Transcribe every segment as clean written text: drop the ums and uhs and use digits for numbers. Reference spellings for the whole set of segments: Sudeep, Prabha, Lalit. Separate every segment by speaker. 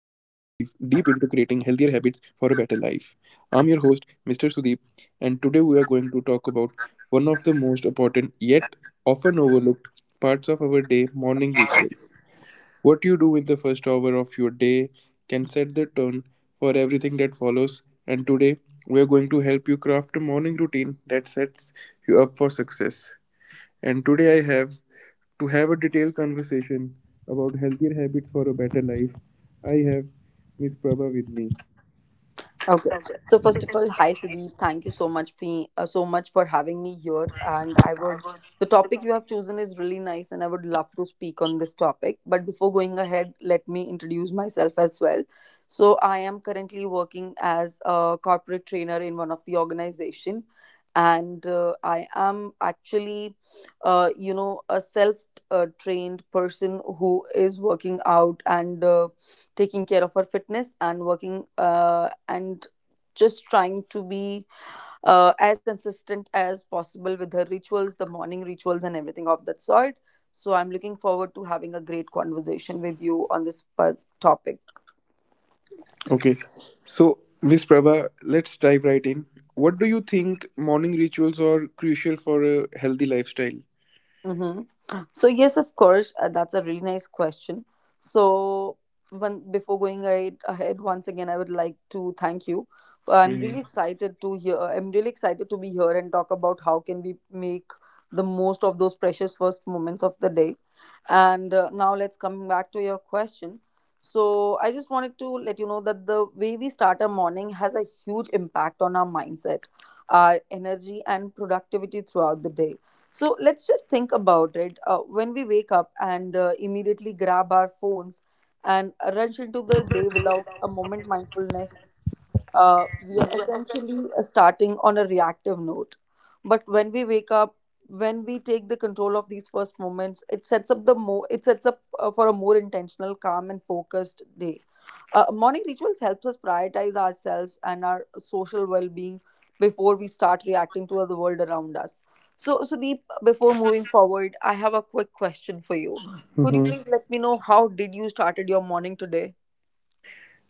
Speaker 1: healthier habits for a better life. I'm your host, Mr. Sudeep, and today we are going to talk about one of the most important yet often overlooked parts of our day morning rituals. What you do in the first hour of your day can set the tone for everything that follows, and today we are going to help you craft a morning routine that sets you up for success. And today I have to have a detailed conversation about healthier habits for a better life. I have Miss Prabha with me.
Speaker 2: Okay. So first of all, hi Sudeep. Thank you so much for having me here. And I would the topic you have chosen is really nice, and I would love to speak on this topic. But before going ahead, let me introduce myself as well. So I am currently working as a corporate trainer in one of the organization, and I am actually, a self trained person who is working out and taking care of her fitness and working and just trying to be as consistent as possible with her rituals, the morning rituals, and everything of that sort. So I'm looking forward to having a great conversation with you on topic.
Speaker 1: Okay, so Miss Prabha, let's dive right in. What do you think morning rituals are crucial for a healthy lifestyle?
Speaker 2: Mm-hmm. So yes, of course, that's a really nice question. So when before going ahead, ahead once again, I would like to thank you. I'm really
Speaker 1: Mhm.
Speaker 2: excited to hear. I'm really excited to be here and talk about how can we make the most of those precious first moments of the day. And now let's come back to your question. So I just wanted to let you know that the way we start our morning has a huge impact on our mindset, our energy, and productivity throughout the day. So let's just think about it. When we wake up and immediately grab our phones and rush into the day without a moment mindfulness, we are essentially starting on a reactive note. But when we wake up, When we take the control of these first moments, it sets up for a more intentional, calm, and focused day. Morning rituals helps us prioritize ourselves and our social well-being before we start reacting to the world around us. So, Sudeep, before moving forward, I have a quick question for you. Could you
Speaker 1: Mhm.
Speaker 2: please let me know how did you started your morning today?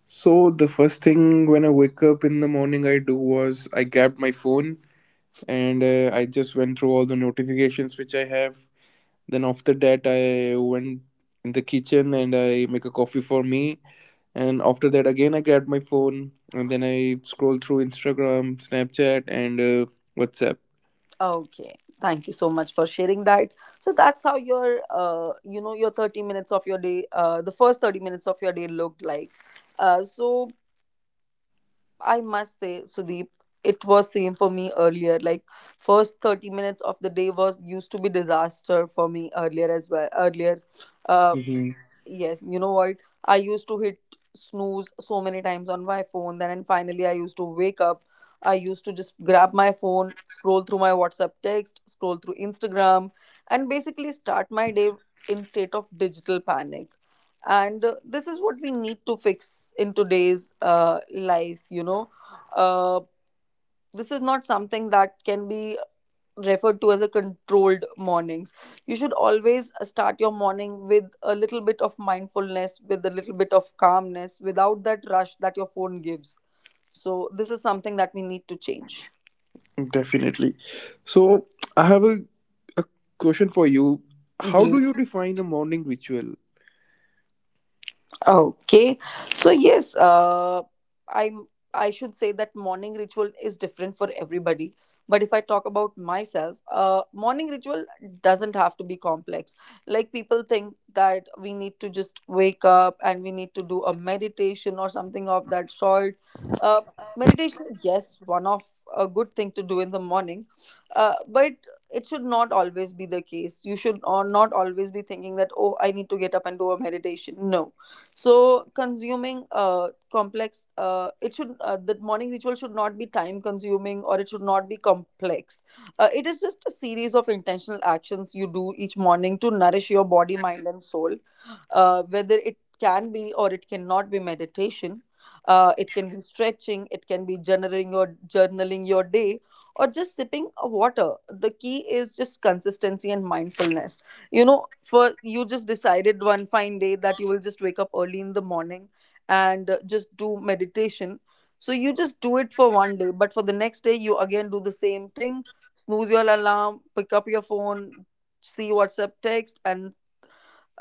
Speaker 1: So the first thing when I wake up in the morning, I do was I grabbed my phone and I just went through all the notifications which I have. Then after that, I went in the kitchen and I make a coffee for me. And after that, again I grabbed my phone and then I scroll through Instagram, Snapchat, and WhatsApp.
Speaker 2: Okay, thank you so much for sharing that. So that's how your 30 minutes of your day, the first 30 minutes of your day looked like. So I must say, Sudeep, it was same for me earlier. Like first 30 minutes of the day was used to be disaster for me earlier as well. Uh,
Speaker 1: Hmm.
Speaker 2: Yes, you know what? I used to hit snooze so many times on my phone. Then and Finally, I used to wake up. I used to just grab my phone, scroll through my WhatsApp text, scroll through Instagram, and basically start my day in state of digital panic. And this is what we need to fix in today's life. Uh, this is not something that can be referred to as a controlled mornings. You should always start your morning with a little bit of mindfulness, with a little bit of calmness, without that rush that your phone gives. So this is something that we need to change.
Speaker 1: Definitely. So I have a question for you. How do you define a morning ritual?
Speaker 2: Okay. So yes, I'm I should say that morning ritual is different for everybody. But if I talk about myself, morning ritual doesn't have to be complex. Like people think that we need to just wake up and we need to do a meditation or something of that sort. Uh, Meditation, yes, one of a good thing to do in the morning, but it should not always be the case. You should not always be thinking that oh, I need to get up and do a meditation. No. so consuming complex it should The morning ritual should not be time consuming or it should not be complex. It is just a series of intentional actions you do each morning to nourish your body, mind and soul. Whether it can be or it cannot be meditation, it can be stretching, it can be journaling your day or just sipping a water. The key is just consistency and mindfulness. You know, for you just decided one fine day that you will just wake up early in the morning and just do meditation. So you just do it for one day, but for the next day you again do the same thing: snooze your alarm, pick up your phone, see whatsapp text, and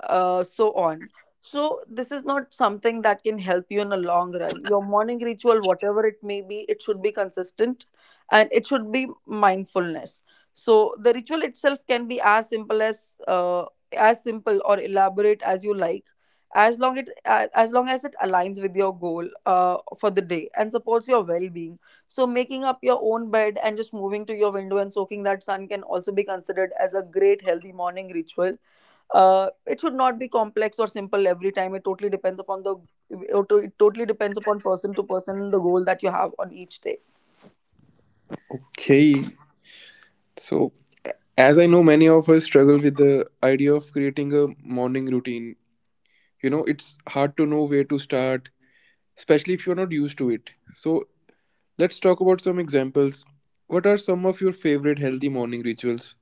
Speaker 2: so on. So, this is not something that can help you in a long run. Your morning ritual, whatever it may be, it should be consistent and it should be mindfulness. So, the ritual itself can be as simple or elaborate as you like, as long as it aligns with your goal for the day and supports your well-being. So making up your own bed and just moving to your window and soaking that sun can also be considered as a great healthy morning ritual. It should not be complex or simple every time. It totally depends upon person to person, the goal that you have on each day.
Speaker 1: Okay. So as I know, many of us struggle with the idea of creating a morning routine. You know, it's hard to know where to start, especially if you're not used to it. So, let's talk about some examples. What are some of your favorite healthy morning rituals?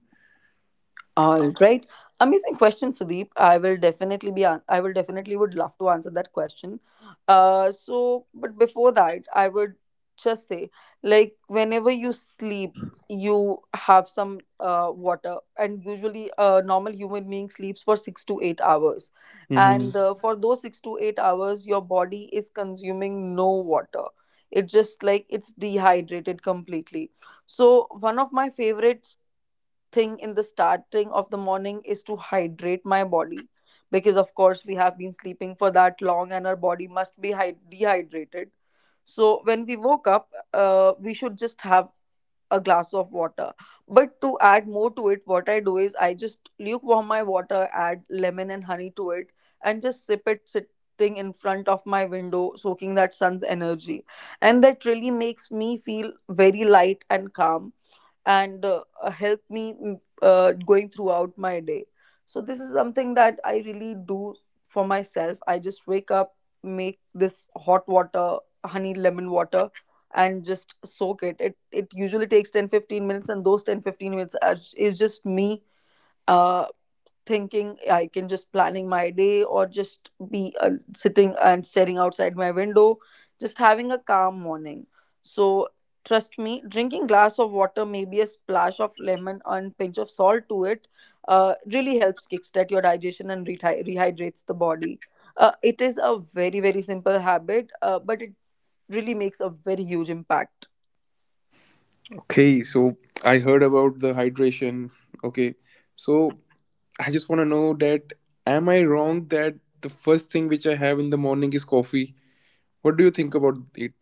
Speaker 2: All right. Amazing question, Sudeep. I will definitely would love to answer that question. So but before that, I would just say, like, whenever you sleep, you have some water, and usually a normal human being sleeps for 6 to 8 hours.
Speaker 1: Hmm.
Speaker 2: And for those 6 to 8 hours, your body is consuming no water. It just like it's dehydrated completely. So one of my favorite thing in the starting of the morning is to hydrate my body, because of course we have been sleeping for that long and our body must be dehydrated. So when we woke up, we should just have a glass of water. But to add more to it, what I do is I just lukewarm my water, add lemon and honey to it, and just sip it sitting in front of my window, soaking that sun's energy. And that really makes me feel very light and calm, and help me going throughout my day. So this is something that I really do for myself. I just wake up, make this hot water, honey lemon water, and just soak it. It usually takes ten to fifteen minutes, and those 10 15 minutes is just me uh thinking, I can just planning my day or just be sitting and staring outside my window, just having a calm morning. So trust me, drinking glass of water, maybe a splash of lemon and pinch of salt to it, really helps kickstart your digestion and rehydrates the body. It is a very very simple habit, but it really makes a very huge impact.
Speaker 1: Okay, so I heard about the hydration. Okay, so I just want to know that am I wrong that the first thing which I have in the morning is coffee? What do you think about it?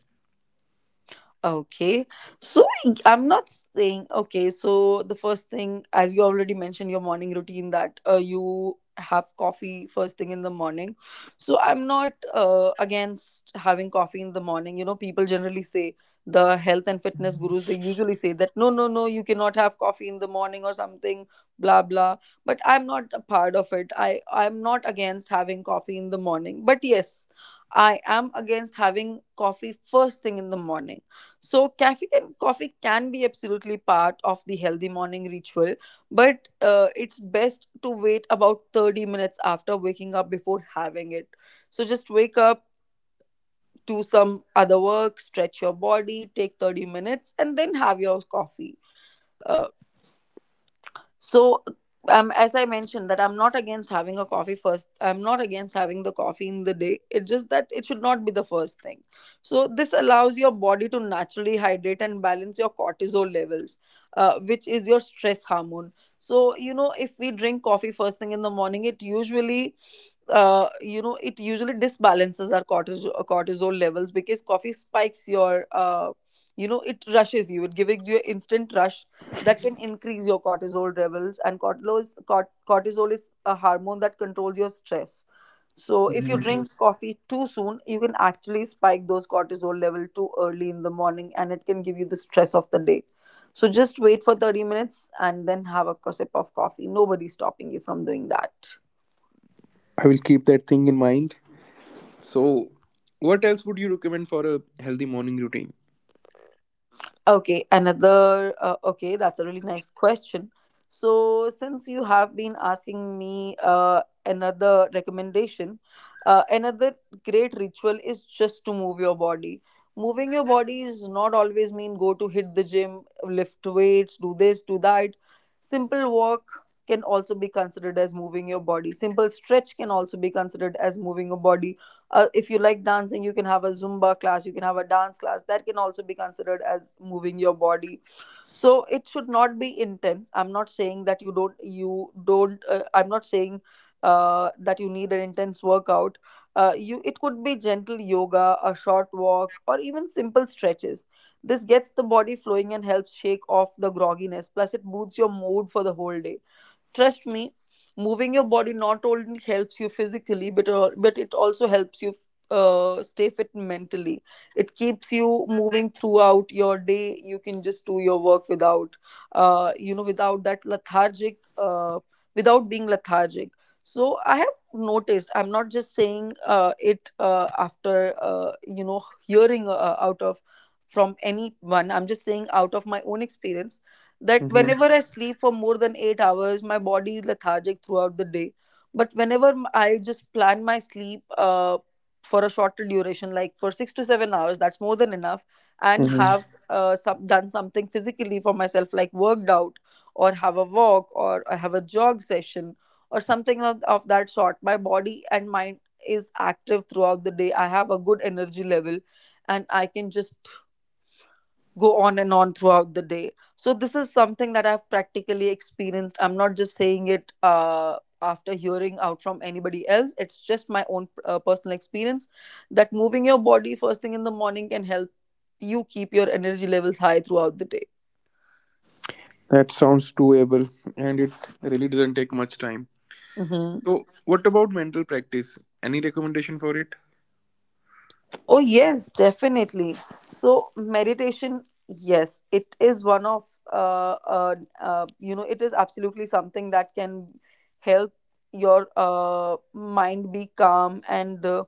Speaker 2: Okay. So I'm not saying, okay, so the first thing, as you already mentioned, your morning routine that you have coffee first thing in the morning. So I'm not against having coffee in the morning. You know, people generally say, the health and fitness gurus, they usually say that, no, no, no, you cannot have coffee in the morning or something, blah, blah. But I'm not a part of it. I'm not against having coffee in the morning. But yes, I am against having coffee first thing in the morning. So caffeine and coffee can be absolutely part of the healthy morning ritual, but it's best to wait about 30 minutes after waking up before having it. So just wake up, do some other work, stretch your body, take 30 minutes, and then have your coffee. Uh, so, as I mentioned, that I'm not against having a coffee first. I'm not against having the coffee in the day. It's just that it should not be the first thing. So, this allows your body to naturally hydrate and balance your cortisol levels, which is your stress hormone. So, you know, if we drink coffee first thing in the morning, it usually it usually disbalances our cortisol levels, because coffee spikes your it rushes you, it gives you an instant rush that can increase your cortisol levels. And cortisol is a hormone that controls your stress. So if you
Speaker 1: Mhm.
Speaker 2: drink Mhm. coffee too soon, you can actually spike those cortisol level too early in the morning, and it can give you the stress of the day. So just wait for 30 minutes and then have a sip of coffee. Nobody's stopping you from doing that.
Speaker 1: I will keep that thing in mind. So, what else would you recommend for a healthy morning routine?
Speaker 2: Okay, another. Okay, that's a really nice question. So, since you have been asking me another recommendation, another great ritual is just to move your body. Moving your body is not always mean go to hit the gym, lift weights, do this, do that. Simple walk can also be considered as moving your body. Simple stretch can also be considered as moving your body. If you like dancing, you can have a zumba class, you can have a dance class. That can also be considered as moving your body. So it should not be intense. I'm not saying that you don't I'm not saying that you need an intense workout. You, it could be gentle yoga, a short walk, or even simple stretches. This gets the body flowing and helps shake off the grogginess, plus it boosts your mood for the whole day. Trust me, moving your body not only helps you physically, but it also helps you stay fit mentally. It keeps you moving throughout your day. You can just do your work without, without that lethargic, without being lethargic. So I have noticed, I'm not just saying it, after uh, you know hearing, out of, from anyone. I'm just saying out of my own experience that
Speaker 1: Hmm.
Speaker 2: whenever I sleep for more than 8 hours, my body is lethargic throughout the day. But whenever I just plan my sleep for a shorter duration, like for 6 to 7 hours, that's more than enough, and
Speaker 1: Hmm.
Speaker 2: have done something physically for myself, like worked out, or have a walk, or I have a jog session, or something of that sort, my body and mind is active throughout the day. I have a good energy level, and I can just go on and on throughout the day. So this is something that I've practically experienced. I'm not just saying it after hearing out from anybody else. It's just my own personal experience that moving your body first thing in the morning can help you keep your energy levels high throughout the day.
Speaker 1: That sounds doable and it really doesn't take much time.
Speaker 2: Mhm.
Speaker 1: So, what about mental practice? Any recommendation for it?
Speaker 2: Oh, yes, definitely. So, meditation, yes, it is one of, uh, uh, you know, it is absolutely something that can help your mind be calm, and, uh,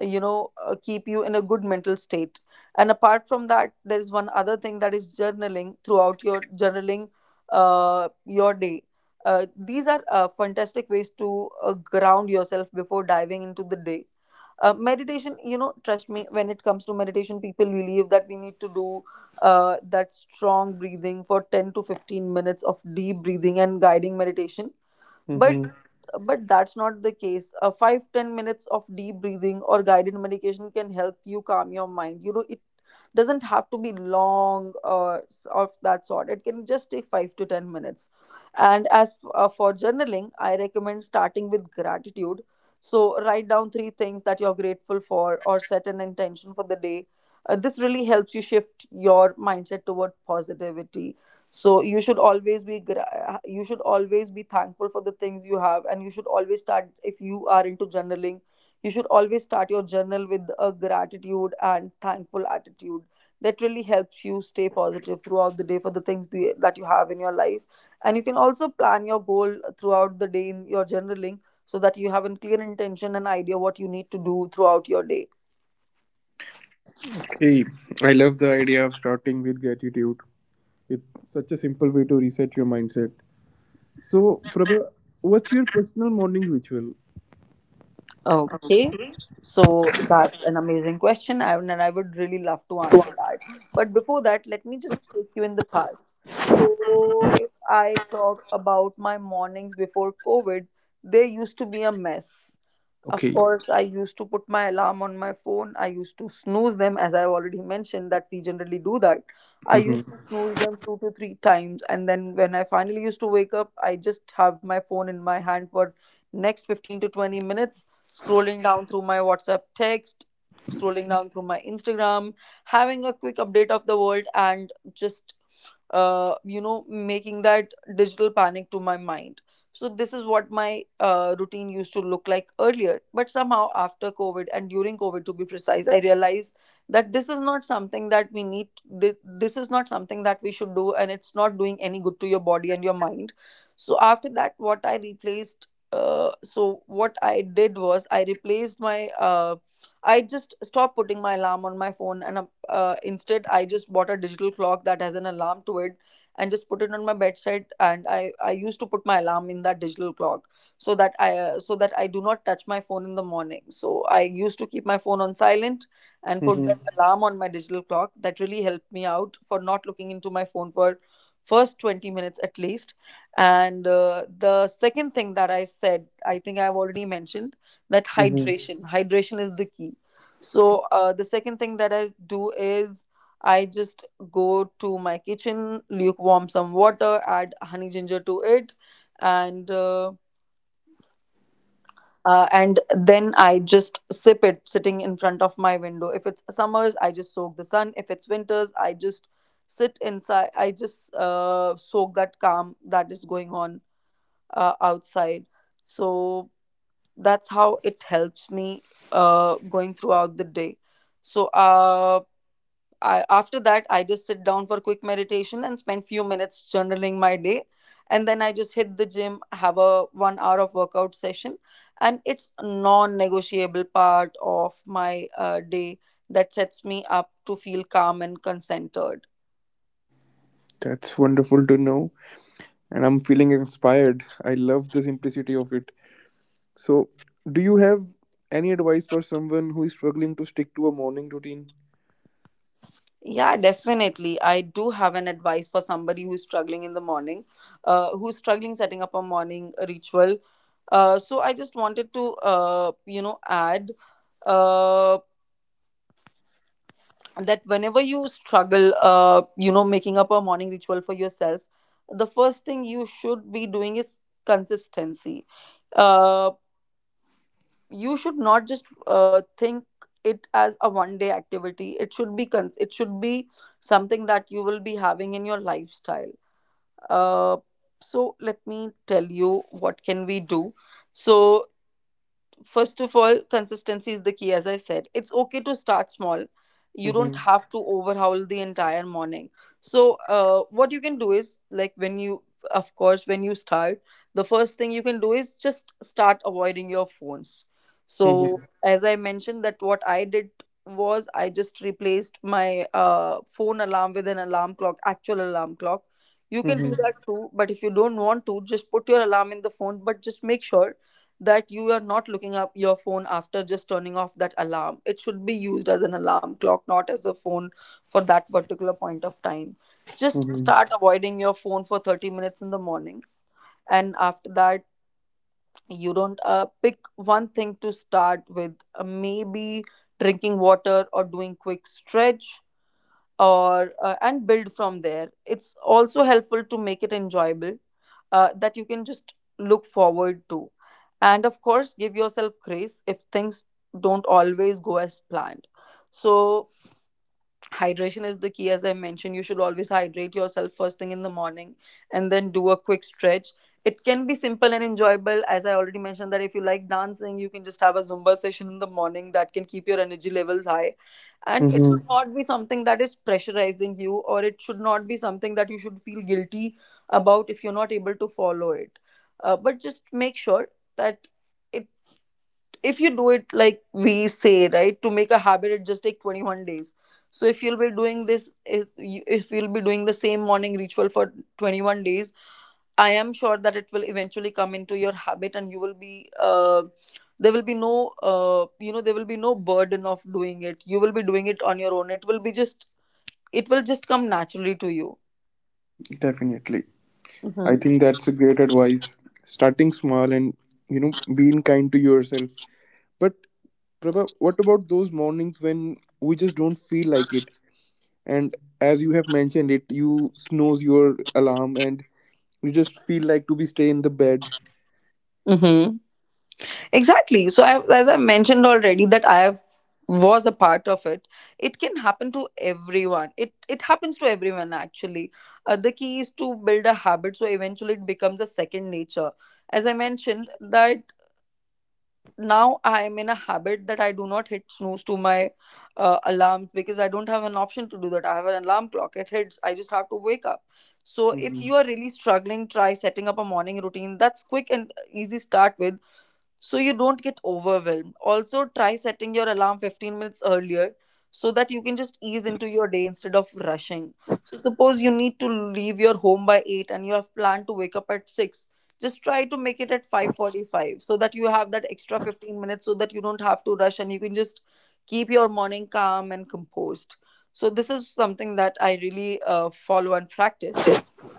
Speaker 2: you know, uh, keep you in a good mental state. And apart from that, there's one other thing that is journaling your day. These are fantastic ways to ground yourself before diving into the day. Meditation, you know, trust me, when it comes to meditation, people believe that we need to do that strong breathing, for 10 to 15 minutes of deep breathing and guiding meditation, but
Speaker 1: Mm-hmm.
Speaker 2: but that's not the case. 5, 10 minutes of deep breathing or guided meditation can help you calm your mind. You know, it doesn't have to be long of that sort. It can just take 5 to 10 minutes. And for journaling, I recommend starting with gratitude. So write down three things that you're grateful for, or set an intention for the day. This really helps you shift your mindset toward positivity. So you should always you should always be thankful for the things you have, and you should always start, if you are into journaling, you should always start your journal with a gratitude and thankful attitude. That really helps you stay positive throughout the day for the that you have in your life. And you can also plan your goal throughout the day in your journaling, so that you have a clear intention and idea what you need to do throughout your day.
Speaker 1: Okay, I love the idea of starting with gratitude. It's such a simple way to reset your mindset. So, Prabha, what's your personal morning ritual?
Speaker 2: Okay, so that's an amazing question, and I would really love to answer that. But before that, let me just take you in the past. So, if I talk about my mornings before COVID, they used to be a mess. Of
Speaker 1: Okay.
Speaker 2: course, I used to put my alarm on my phone. I used to snooze them, as I already mentioned that we generally do that. I used
Speaker 1: Mm-hmm.
Speaker 2: to snooze them two to three times, and then when I finally used to wake up, I just have my phone in my hand for next 15 to 20 minutes, scrolling down through my WhatsApp text, scrolling down through my Instagram, having a quick update of the world, and just making that digital panic to my mind. So this is what my routine used to look like earlier, but somehow after COVID, and during COVID to be precise, I realized that this is not something that we need. thi- this is not something that we should do, and it's not doing any good to your body and your mind. So after that, what I replaced so what I did was I replaced my I just stopped putting my alarm on my phone, and instead, I just bought a digital clock that has an alarm to it, and just put it on my bedside. And I used to put my alarm in that digital clock, so that I do not touch my phone in the morning. So I used to keep my phone on silent and put
Speaker 1: Mm-hmm.
Speaker 2: that alarm on my digital clock. That really helped me out for not looking into my phone for first 20 minutes at least. And the second thing that I said, I think I've already mentioned, that
Speaker 1: Mm-hmm.
Speaker 2: hydration is the key. So the second thing that I do is I just go to my kitchen, lukewarm some water, add honey ginger to it, and uh, and then I just sip it sitting in front of my window. If it's summers, I just soak the sun. If it's winters, I just sit inside. I just soak that calm that is going on outside. So that's how it helps me going throughout the day. So uh, After that, I just sit down for quick meditation and spend few minutes journaling my day, and then I just hit the gym, have a 1 hour of workout session, and it's a non-negotiable part of my day that sets me up to feel calm and concentrated.
Speaker 1: That's wonderful to know, and I'm feeling inspired. I love the simplicity of it. So, do you have any advice for someone who is struggling to stick to a morning routine?
Speaker 2: Yeah, definitely, I do have an advice for somebody who's struggling in the morning, who's struggling setting up a morning ritual. Uh, so I just wanted to you know Add uh, that whenever you struggle making up a morning ritual for yourself, the first thing you should be doing is consistency. uh you should not just think it as a one day activity. It should it should be something that you will be having in your lifestyle. uh so let me tell you what can we do. So first of all, consistency is the key, as I said. It's okay to start small. You don't
Speaker 1: Mm-hmm.
Speaker 2: have to overhaul the entire morning. So what you can do is, like, when you, of course, when you start, the first thing you can do is just start avoiding your phones. So
Speaker 1: Mm-hmm.
Speaker 2: as I mentioned, that what I did was I just replaced my phone alarm with an alarm clock actual alarm clock. You can do
Speaker 1: Mm-hmm.
Speaker 2: that too, but if you don't want to, just put your alarm in the phone, but just make sure that you are not looking up your phone after just turning off that alarm. It should be used as an alarm clock, not as a phone for that particular point of time. Just
Speaker 1: Mm-hmm.
Speaker 2: start avoiding your phone for 30 minutes in the morning. And after that, you don't pick one thing to start with. Maybe drinking water or doing quick stretch, or and build from there. It's also helpful to make it enjoyable, that you can just look forward to, and of course, give yourself grace if things don't always go as planned. So hydration is the key, as I mentioned. You should always hydrate yourself first thing in the morning, and then do a quick stretch. It can be simple and enjoyable, as I already mentioned, that if you like dancing, you can just have a Zumba session in the morning that can keep your energy levels high. And it
Speaker 1: Mm-hmm.
Speaker 2: should not be something that is pressurizing you, or it should not be something that you should feel guilty about if you're not able to follow it. But just make sure that it, if you do it, like we say, right, to make a habit, it just take 21 days. So if you'll be doing this, if you'll be doing the same morning ritual for 21 days, I am sure that it will eventually come into your habit, and you will be, there will be no, there will be no burden of doing it. You will be doing it on your own. It will just come naturally to you.
Speaker 1: Definitely. I think that's a great advice. Starting small and, you know, being kind to yourself. But, Prabha, what about those mornings when we just don't feel like it? And as you have mentioned it, you snooze your alarm and you just feel like to be stay in the bed.
Speaker 2: Mm-hmm. Exactly. So, as I mentioned already, that I have was a part of it. It can happen to everyone. It happens to everyone actually. The key is to build a habit, so eventually it becomes a second nature. As I mentioned, that now I am in a habit that I do not hit snooze to my alarm because I don't have an option to do that. I have an alarm clock. It hits. I just have to wake up. So if you are really struggling, try setting up a morning routine that's quick and easy, start with so you don't get overwhelmed. Also, try setting your alarm 15 minutes earlier so that you can just ease into your day instead of rushing. So, suppose you need to leave your home by 8 and you have planned to wake up at 6. Just try to make it at 5:45 so that you have that extra 15 minutes so that you don't have to rush and you can just keep your morning calm and composed. So this is something that I really follow and practice.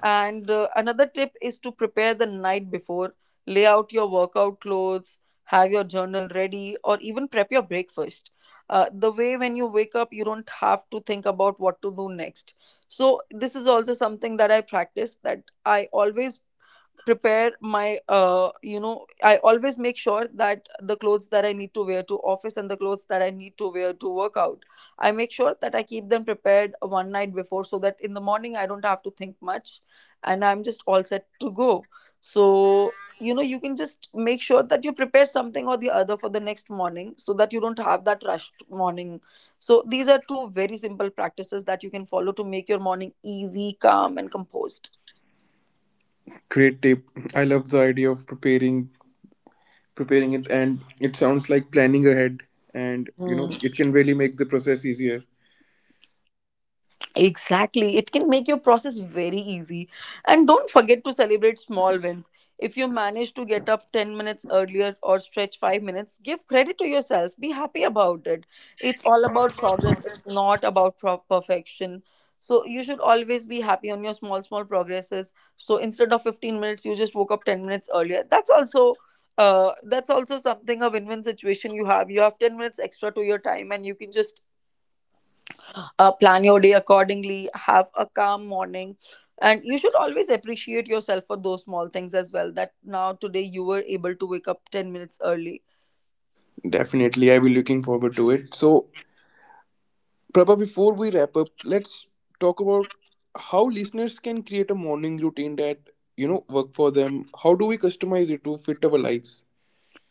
Speaker 2: And another tip is to prepare the night before, lay out your workout clothes, have your journal ready, or even prep your breakfast. The way when you wake up, you don't have to think about what to do next. So, this is also something that I practice, that I always prepare my I always make sure that the clothes that I need to wear to office and the clothes that I need to wear to work out, I make sure that I keep them prepared one night before so that in the morning I don't have to think much and I'm just all set to go. So, you can just make sure that you prepare something or the other for the next morning so that you don't have that rushed morning. So these are two very simple practices that you can follow to make your morning easy, calm and composed.
Speaker 1: Great tip. I love the idea of preparing it, and it sounds like planning ahead, and you
Speaker 2: Hmm.
Speaker 1: know it can really make the process easier.
Speaker 2: Exactly. It can make your process very easy. And don't forget to celebrate small wins. If you manage to get up 10 minutes earlier or stretch 5 minutes, give credit to yourself. Be happy about it. It's all about progress, it's not about perfection. So you should always be happy on your small, small progresses. So instead of 15 minutes, you just woke up 10 minutes earlier. That's also. That's also something, a win-win situation you have. You have 10 minutes extra to your time and you can just plan your day accordingly, have a calm morning. And you should always appreciate yourself for those small things as well. That now today you were able to wake up 10 minutes early.
Speaker 1: Definitely, I'll be looking forward to it. So, Prabha, before we wrap up, let's talk about how listeners can create a morning routine that, you know, work for them. How do we customize it to fit our lives?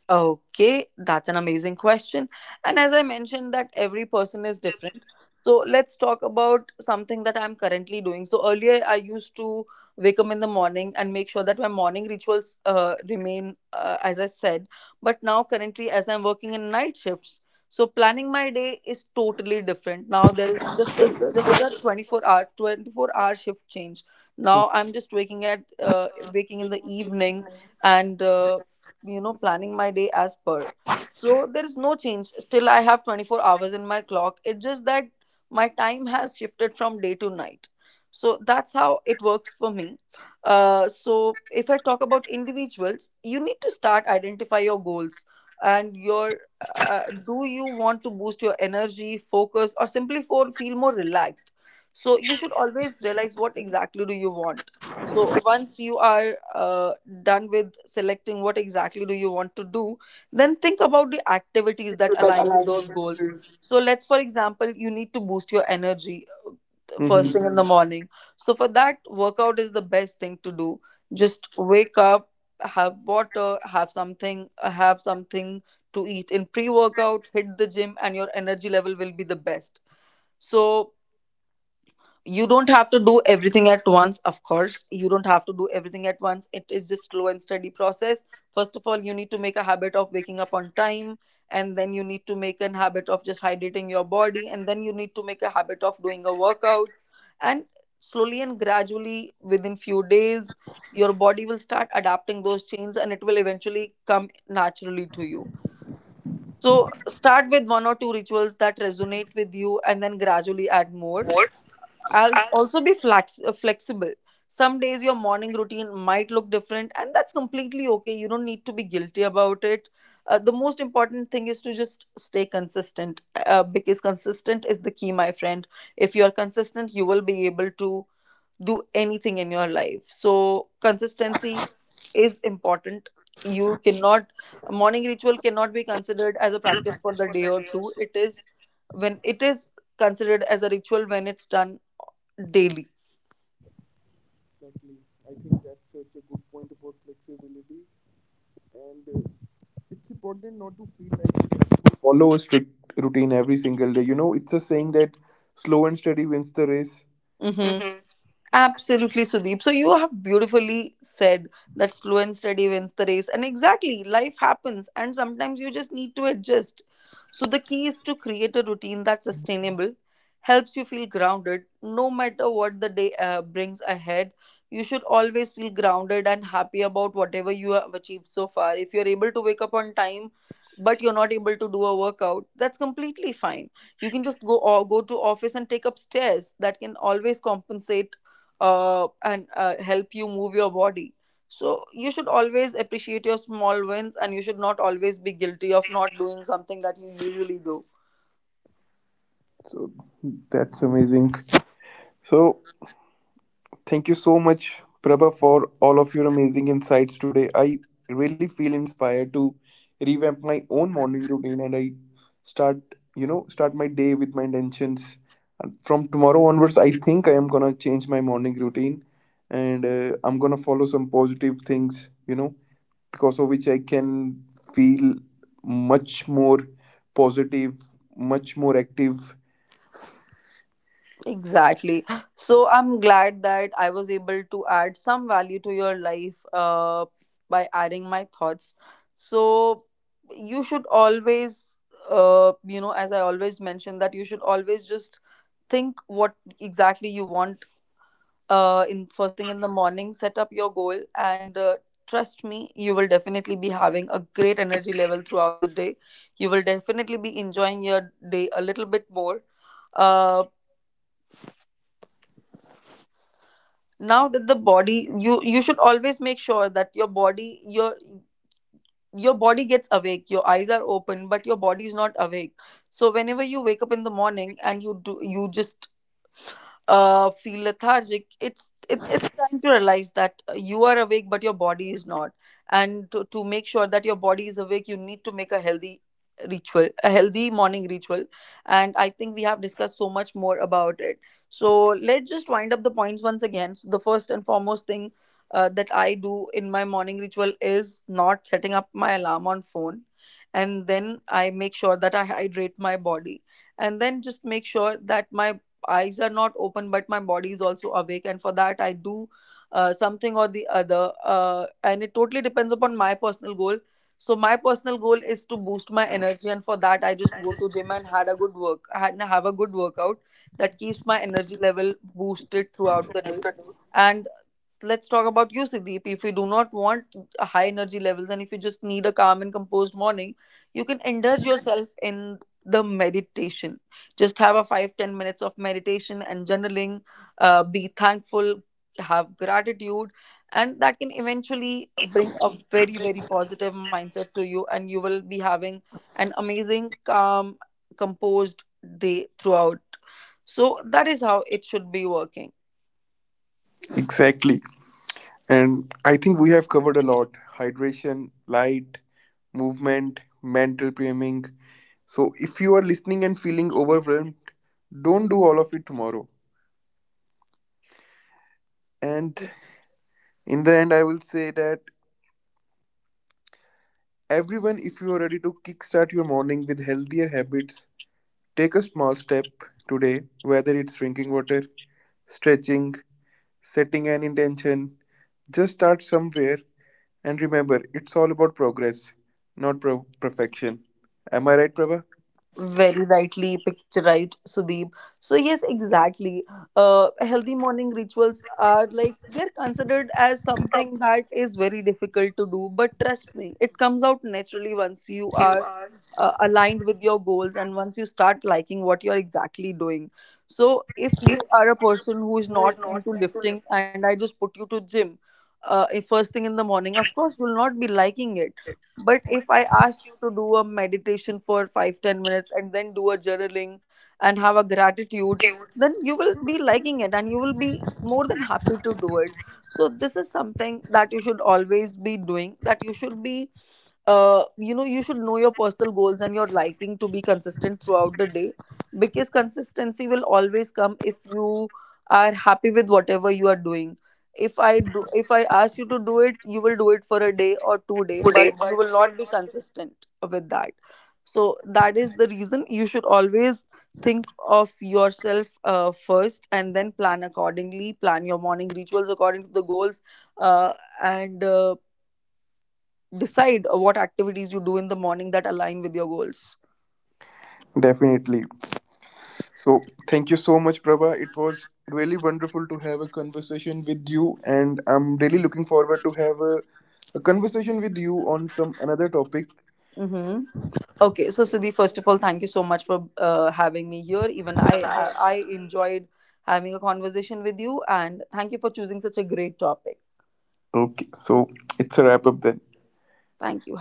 Speaker 2: Okay, that's an amazing question. And as I mentioned, that every person is different. So let's talk about something that I'm currently doing. So earlier, I used to wake up in the morning and make sure that my morning rituals remain, as I said. But now, currently, as I'm working in night shifts, so planning my day is totally different. Now there is just a 24 hour shift change. Now I'm just waking in the evening and planning my day as per, so there is no change, still I have 24 hours in my clock, it's just that my time has shifted from day to night. So that's how it works for me. So if I talk about individuals, you need to start identify your goals and your, do you want to boost your energy, focus, or simply feel more relaxed. So you should always realize what exactly do you want. So once you are done with selecting what exactly do you want to do, then think about the activities that align with those goals. So let's, for example, you need to boost your energy first
Speaker 1: Mm-hmm.
Speaker 2: thing in the morning. So for that, workout is the best thing to do. Just wake up, have water, have something to eat in pre-workout, hit the gym, and your energy level will be the best. So you don't have to do everything at once. Of course you don't have to do everything at once, it is just slow and steady process. First of all, you need to make a habit of waking up on time, and then you need to make an habit of just hydrating your body, and then you need to make a habit of doing a workout. And slowly and gradually within few days, your body will start adapting those changes and it will eventually come naturally to you. So start with one or two rituals that resonate with you and then gradually add more. I'll also be flexible. Some days your morning routine might look different, and that's completely okay. You don't need to be guilty about it. The most important thing is to just stay consistent because consistent is the key, my friend. If you're consistent, you will be able to do anything in your life. So, consistency is important. You cannot, a morning ritual cannot be considered as a practice for the day or two. It is when it is considered as a ritual when it's done daily.
Speaker 1: Exactly. I think that's such a good point about flexibility, and it's important not to feel like you have to follow a strict routine every single day. You know, it's a saying that slow and steady wins the race.
Speaker 2: Hmm. Absolutely, Sudeep. So you have beautifully said that slow and steady wins the race. And exactly, life happens, and sometimes you just need to adjust. So the key is to create a routine that's sustainable, helps you feel grounded no matter what the day brings ahead. You should always feel grounded and happy about whatever you have achieved so far. If you're able to wake up on time, but you're not able to do a workout, that's completely fine. You can just go, or go to office and take up stairs. That can always compensate and help you move your body. So you should always appreciate your small wins, and you should not always be guilty of not doing something that you usually do.
Speaker 1: So that's amazing. So thank you so much, Prabha, for all of your amazing insights today. I really feel inspired to revamp my own morning routine, and I start, start my day with my intentions. And from tomorrow onwards, I think I am gonna change my morning routine, and I'm gonna follow some positive things, you know, because of which I can feel much more positive, much more active.
Speaker 2: Exactly. So I'm glad that I was able to add some value to your life by adding my thoughts. So you should always, as I always mention, that you should always just think what exactly you want in first thing in the morning, set up your goal and trust me, you will definitely be having a great energy level throughout the day. You will definitely be enjoying your day a little bit more. uh, Now that the body, you should always make sure that your body, your body gets awake. Your eyes are open but your body is not awake. So whenever you wake up in the morning and you just feel lethargic, it's time to realize that you are awake, but your body is not. And to make sure that your body is awake, you need to make a healthy ritual, a healthy morning ritual. And I think we have discussed so much more about it. So let's just wind up the points once again. So the first and foremost thing that I do in my morning ritual is not setting up my alarm on phone, and then I make sure that I hydrate my body, and then just make sure that my eyes are not open but my body is also awake, and for that I do something or the other, and it totally depends upon my personal goal. So my personal goal is to boost my energy and for that I just go to gym and had have a good workout. That keeps my energy level boosted throughout the day. And let's talk about you, Siddip. If you do not want high energy levels and if you just need a calm and composed morning, you can indulge yourself in the meditation. Just have a 5 to 10 minutes of meditation and journaling. Be thankful, have gratitude, and that can eventually bring a very, very positive mindset to you, and you will be having an amazing, calm, composed day throughout. So, that is how it should be working.
Speaker 1: Exactly. And I think we have covered a lot: hydration, light, movement, mental priming. So if you are listening and feeling overwhelmed, don't do all of it tomorrow. And in the end, I will say that everyone, if you are ready to kickstart your morning with healthier habits, take a small step today, whether it's drinking water, stretching, setting an intention. Just start somewhere. And remember, it's all about progress, not perfection. Am I right, Prabha?
Speaker 2: Very rightly picturized, Sudeep. So yes, exactly. Healthy morning rituals are like they're considered as something that is very difficult to do, but trust me, it comes out naturally once you are aligned with your goals and once you start liking what you're exactly doing. So if you are a person who is not into lifting and I just put you to gym first thing in the morning, of course you will not be liking it. But if I asked you to do a meditation for 5 to 10 minutes and then do a journaling and have a gratitude, then you will be liking it and you will be more than happy to do it. So this is something that you should always be doing, that you should be you should know your personal goals and your liking to be consistent throughout the day. Because consistency will always come if you are happy with whatever you are doing. If I ask you to do it, you will do it for a day or 2 day but you will not be consistent with that. So that is the reason you should always think of yourself first and then plan accordingly, plan your morning rituals according to the goals. Uh, and Decide what activities you do in the morning that align with your goals.
Speaker 1: Definitely. So thank you so much, Prabha. It was really wonderful to have a conversation with you, and I'm really looking forward to have a conversation with you on some another topic.
Speaker 2: Mm-hmm. Okay, so Sudhi, first of all, thank you so much for having me here. Even I, I enjoyed having a conversation with you, and thank you for choosing such a great topic.
Speaker 1: Okay, so it's a wrap up then.
Speaker 2: Thank you.